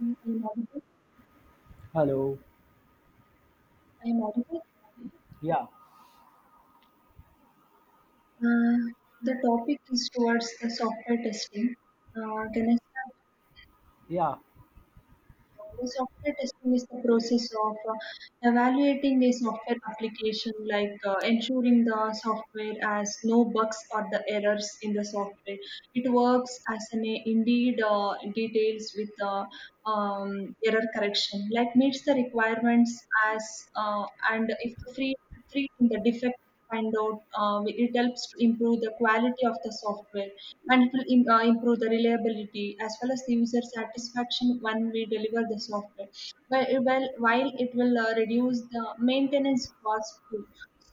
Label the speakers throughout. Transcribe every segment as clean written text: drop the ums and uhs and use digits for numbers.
Speaker 1: Mm, I am audible.
Speaker 2: Hello.
Speaker 1: I am audible.
Speaker 2: Yeah,
Speaker 1: Uh, the topic is towards the software testing. Ganesha,
Speaker 2: yeah,
Speaker 1: Yeah, The software testing is the process of evaluating a software application, like ensuring the software has no bugs or the errors in the software. It works as an indeed details with the um, error correction, like meets the requirements as uh, and if the free in the defect find out, it helps to improve the quality of the software, and it will improve the reliability as well as the user satisfaction when we deliver the software. While it will reduce the maintenance cost too.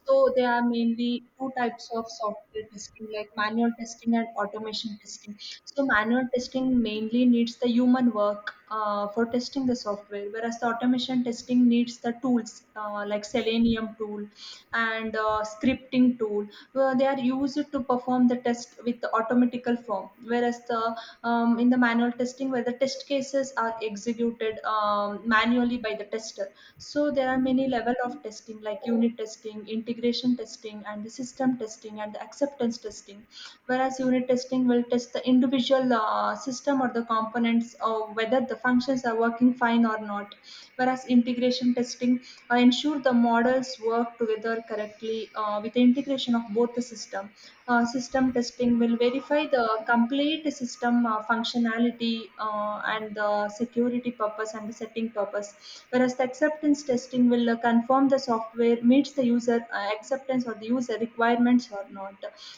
Speaker 1: So there are mainly two types of software testing, like manual testing and automation testing. So manual testing mainly needs the human work for testing the software, whereas the automation testing needs the tools like Selenium tool and scripting tool. Well, they are used to perform the test with the automatical form, whereas the in the manual testing where the test cases are executed manually by the tester. So there are many level of testing like unit testing, integration testing, and the system testing, and the acceptance testing, whereas unit testing will test the individual system or the components or whether the functions are working fine or not, whereas integration testing ensure the models work together correctly with the integration of both the system. System testing will verify the complete system functionality and the security purpose and the setting purpose, whereas the acceptance testing will confirm the software meets the user acceptance or the user requirements or not,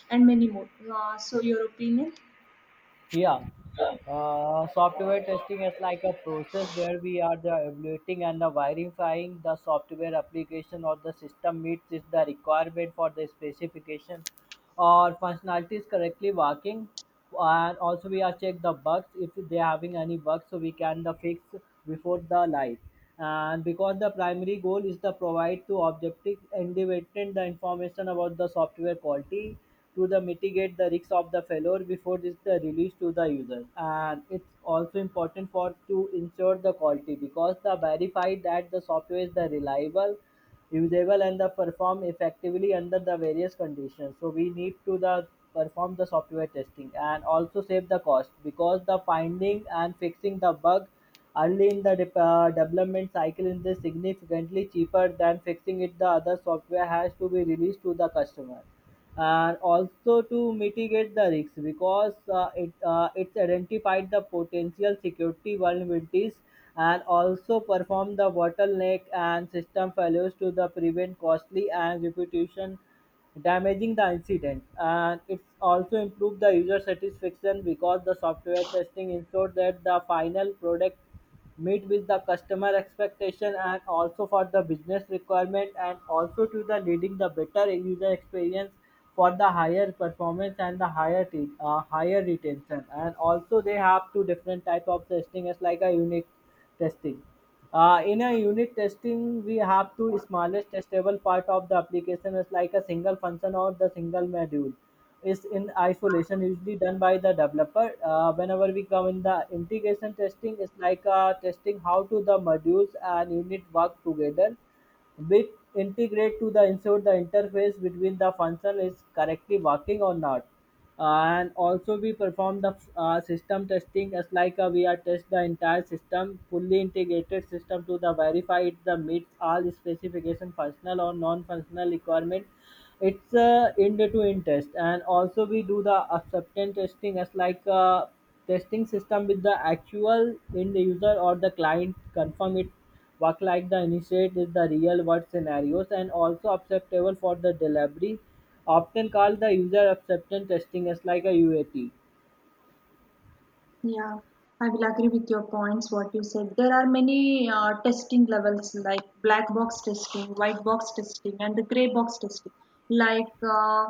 Speaker 1: and many more. So, your opinion?
Speaker 2: yeah. Software testing is like a process where we are the evaluating and the verifying the software application or the system meets is the requirement for the specification or functionalities correctly working, and also we are check the bugs if they are having any bugs so we can the fix before the live. And because the primary goal is to provide to objective independent the information about the software quality to the mitigate the risks of the failure before this the release to the user. And it's also important for to ensure the quality because the verify that the software is the reliable, usable and the perform effectively under the various conditions, so we need to the perform the software testing and also save the cost because the finding and fixing the bug early in the development cycle is significantly cheaper than fixing it the other software has to be released to the customer. And also to mitigate the risks because it's identified the potential security vulnerabilities and also perform the bottleneck and system failures to the prevent costly and reputation damaging the incident. And it's also improved the user satisfaction because the software testing ensure that the final product meet with the customer expectation and also for the business requirement and also to the leading the better user experience for the higher performance and the higher higher retention. And also they have two different type of testing as like a unit testing. In a unit testing, we have to smallest testable part of the application is like a single function or the single module is in isolation, usually done by the developer. Whenever we come in the integration testing, it's like testing how to the modules and unit work together, which integrate to the ensure the interface between the function is correctly working or not. And also we perform the system testing as like we are test the entire system, fully integrated system, to the verify it the meets all specification functional or non-functional requirement. It's end to end test. And also we do the acceptance testing as like testing system with the actual end user or the client confirm it. Work like the initiate is the real-world scenarios and also acceptable for the delivery, often called the user acceptance testing as like a UAT.
Speaker 1: Yeah, I will agree with your points, what you said. There are many testing levels like black box testing, white box testing, and the gray box testing. Like uh,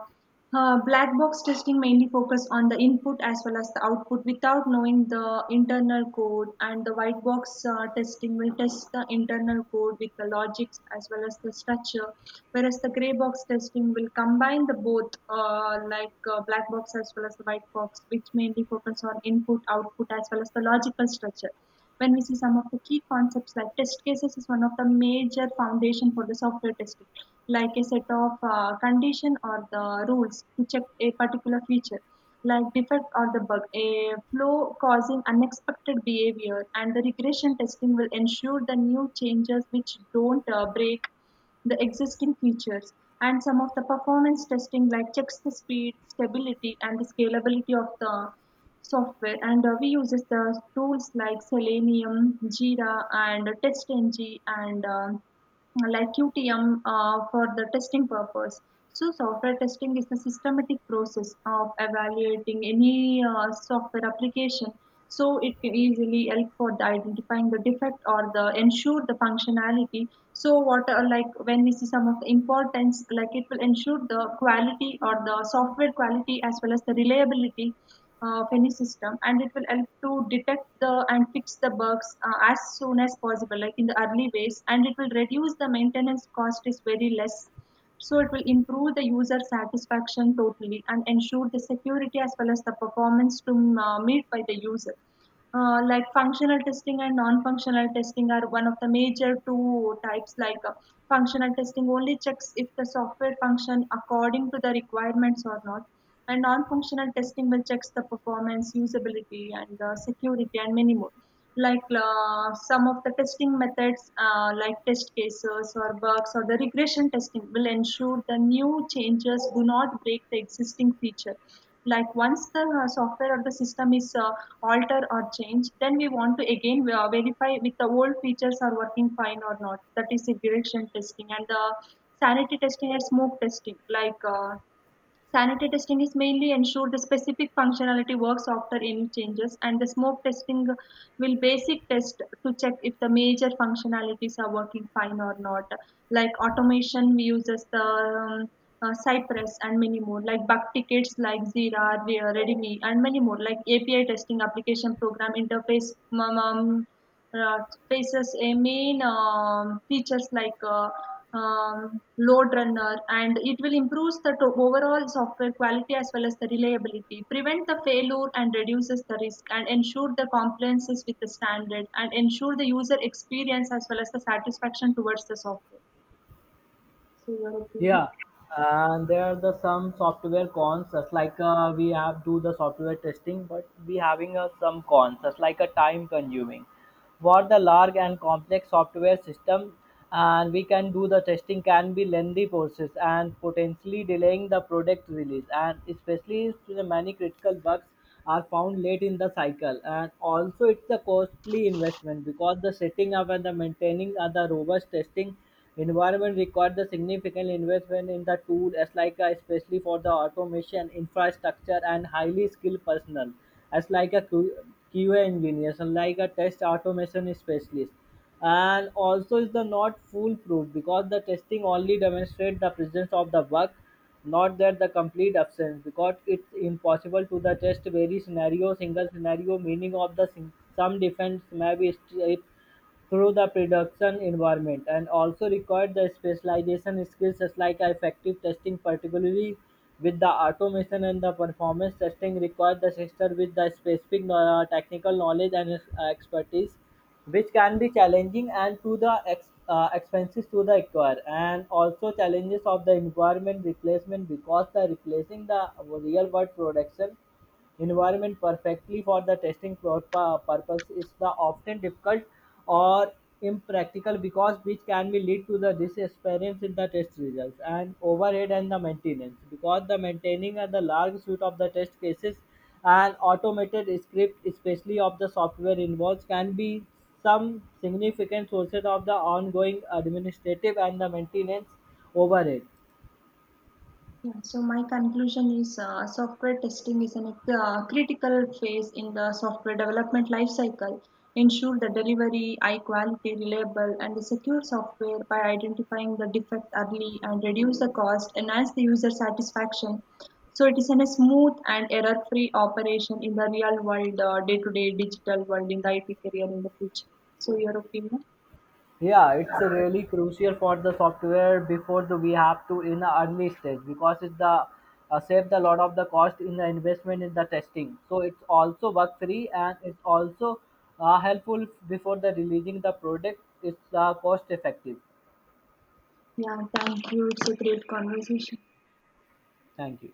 Speaker 1: Black box testing mainly focus on the input as well as the output without knowing the internal code, and the white box testing will test the internal code with the logics as well as the structure, whereas the gray box testing will combine the both black box as well as the white box, which mainly focus on input, output as well as the logical structure. When we see some of the key concepts like test cases is one of the major foundation for the software testing, like a set of condition or the rules to check a particular feature like defect or the bug, a flow causing unexpected behavior, and the regression testing will ensure the new changes which don't break the existing features. And some of the performance testing, like checks the speed, stability, and the scalability of the software, and we uses the tools like Selenium, Jira, and TestNG, and like QTM for the testing purpose. So software testing is the systematic process of evaluating any software application. So it can easily help for the identifying the defect or the ensure the functionality. So what are like when we see some of the importance, like it will ensure the quality or the software quality as well as the reliability of any system, and it will help to detect the and fix the bugs as soon as possible like in the early ways, and it will reduce the maintenance cost is very less, so it will improve the user satisfaction totally and ensure the security as well as the performance to meet by the user. Like functional testing and non-functional testing are one of the major two types, functional testing only checks if the software function according to the requirements or not, and non-functional testing will checks the performance, usability, and the security, and many more. Like some of the testing methods, like test cases or bugs or the regression testing, will ensure the new changes do not break the existing feature. Like once the software or the system is altered or changed, then we want to again verify with the old features are working fine or not. That is regression testing and the sanity testing and smoke testing. Sanity testing is mainly ensure the specific functionality works after any changes, and the smoke testing will basic test to check if the major functionalities are working fine or not. Like automation, we uses the Cypress and many more. Like bug tickets, like Jira, Readme, and many more. Like API testing, application program interface. Um, um, uh, Faces a main features like load runner, and it will improve the overall software quality as well as the reliability, prevent the failure and reduces the risk and ensure the compliance with the standard and ensure the user experience as well as the satisfaction towards the software.
Speaker 2: Yeah. And there are the some software cons, as like we have do the software testing, but we having some cons, as like a time consuming. What the large and complex software system and we can do the testing can be lengthy process and potentially delaying the product release, and especially if the many critical bugs are found late in the cycle. And also it's a costly investment because the setting up and the maintaining of the robust testing environment requires the significant investment in the tool, as like especially for the automation infrastructure and highly skilled personnel as like a QA engineer, and like a test automation specialist. And also is the not foolproof because the testing only demonstrate the presence of the bug, not that the complete absence, because it's impossible to the test very scenario, single scenario, meaning of the some defense may be stripped through the production environment. And also required the specialization skills such like effective testing, particularly with the automation and the performance testing required the sister with the specific technical knowledge and expertise, which can be challenging and to the expenses to the acquire. And also challenges of the environment replacement because the replacing the real world production environment perfectly for the testing purpose is the often difficult or impractical, because which can be lead to the disappearance in the test results. And overhead and the maintenance, because the maintaining and the large suite of the test cases and automated script especially of the software involves can be some significant sources of the ongoing administrative and the maintenance overhead.
Speaker 1: Yeah, so my conclusion is software testing is a critical phase in the software development lifecycle. Ensure the delivery, high quality, reliable, and the secure software by identifying the defect early and reduce the cost, enhance the user satisfaction. So it is in a smooth and error-free operation in the real world, day-to-day digital world in the IT career in the future. So your opinion?
Speaker 2: Yeah, it's really crucial for the software before the, we have to in the early stage because it's the saved a lot of the cost in the investment in the testing. So it's also bug free and it's also helpful before the releasing the product. It's cost effective.
Speaker 1: Yeah, thank you. It's a great conversation.
Speaker 2: Thank you.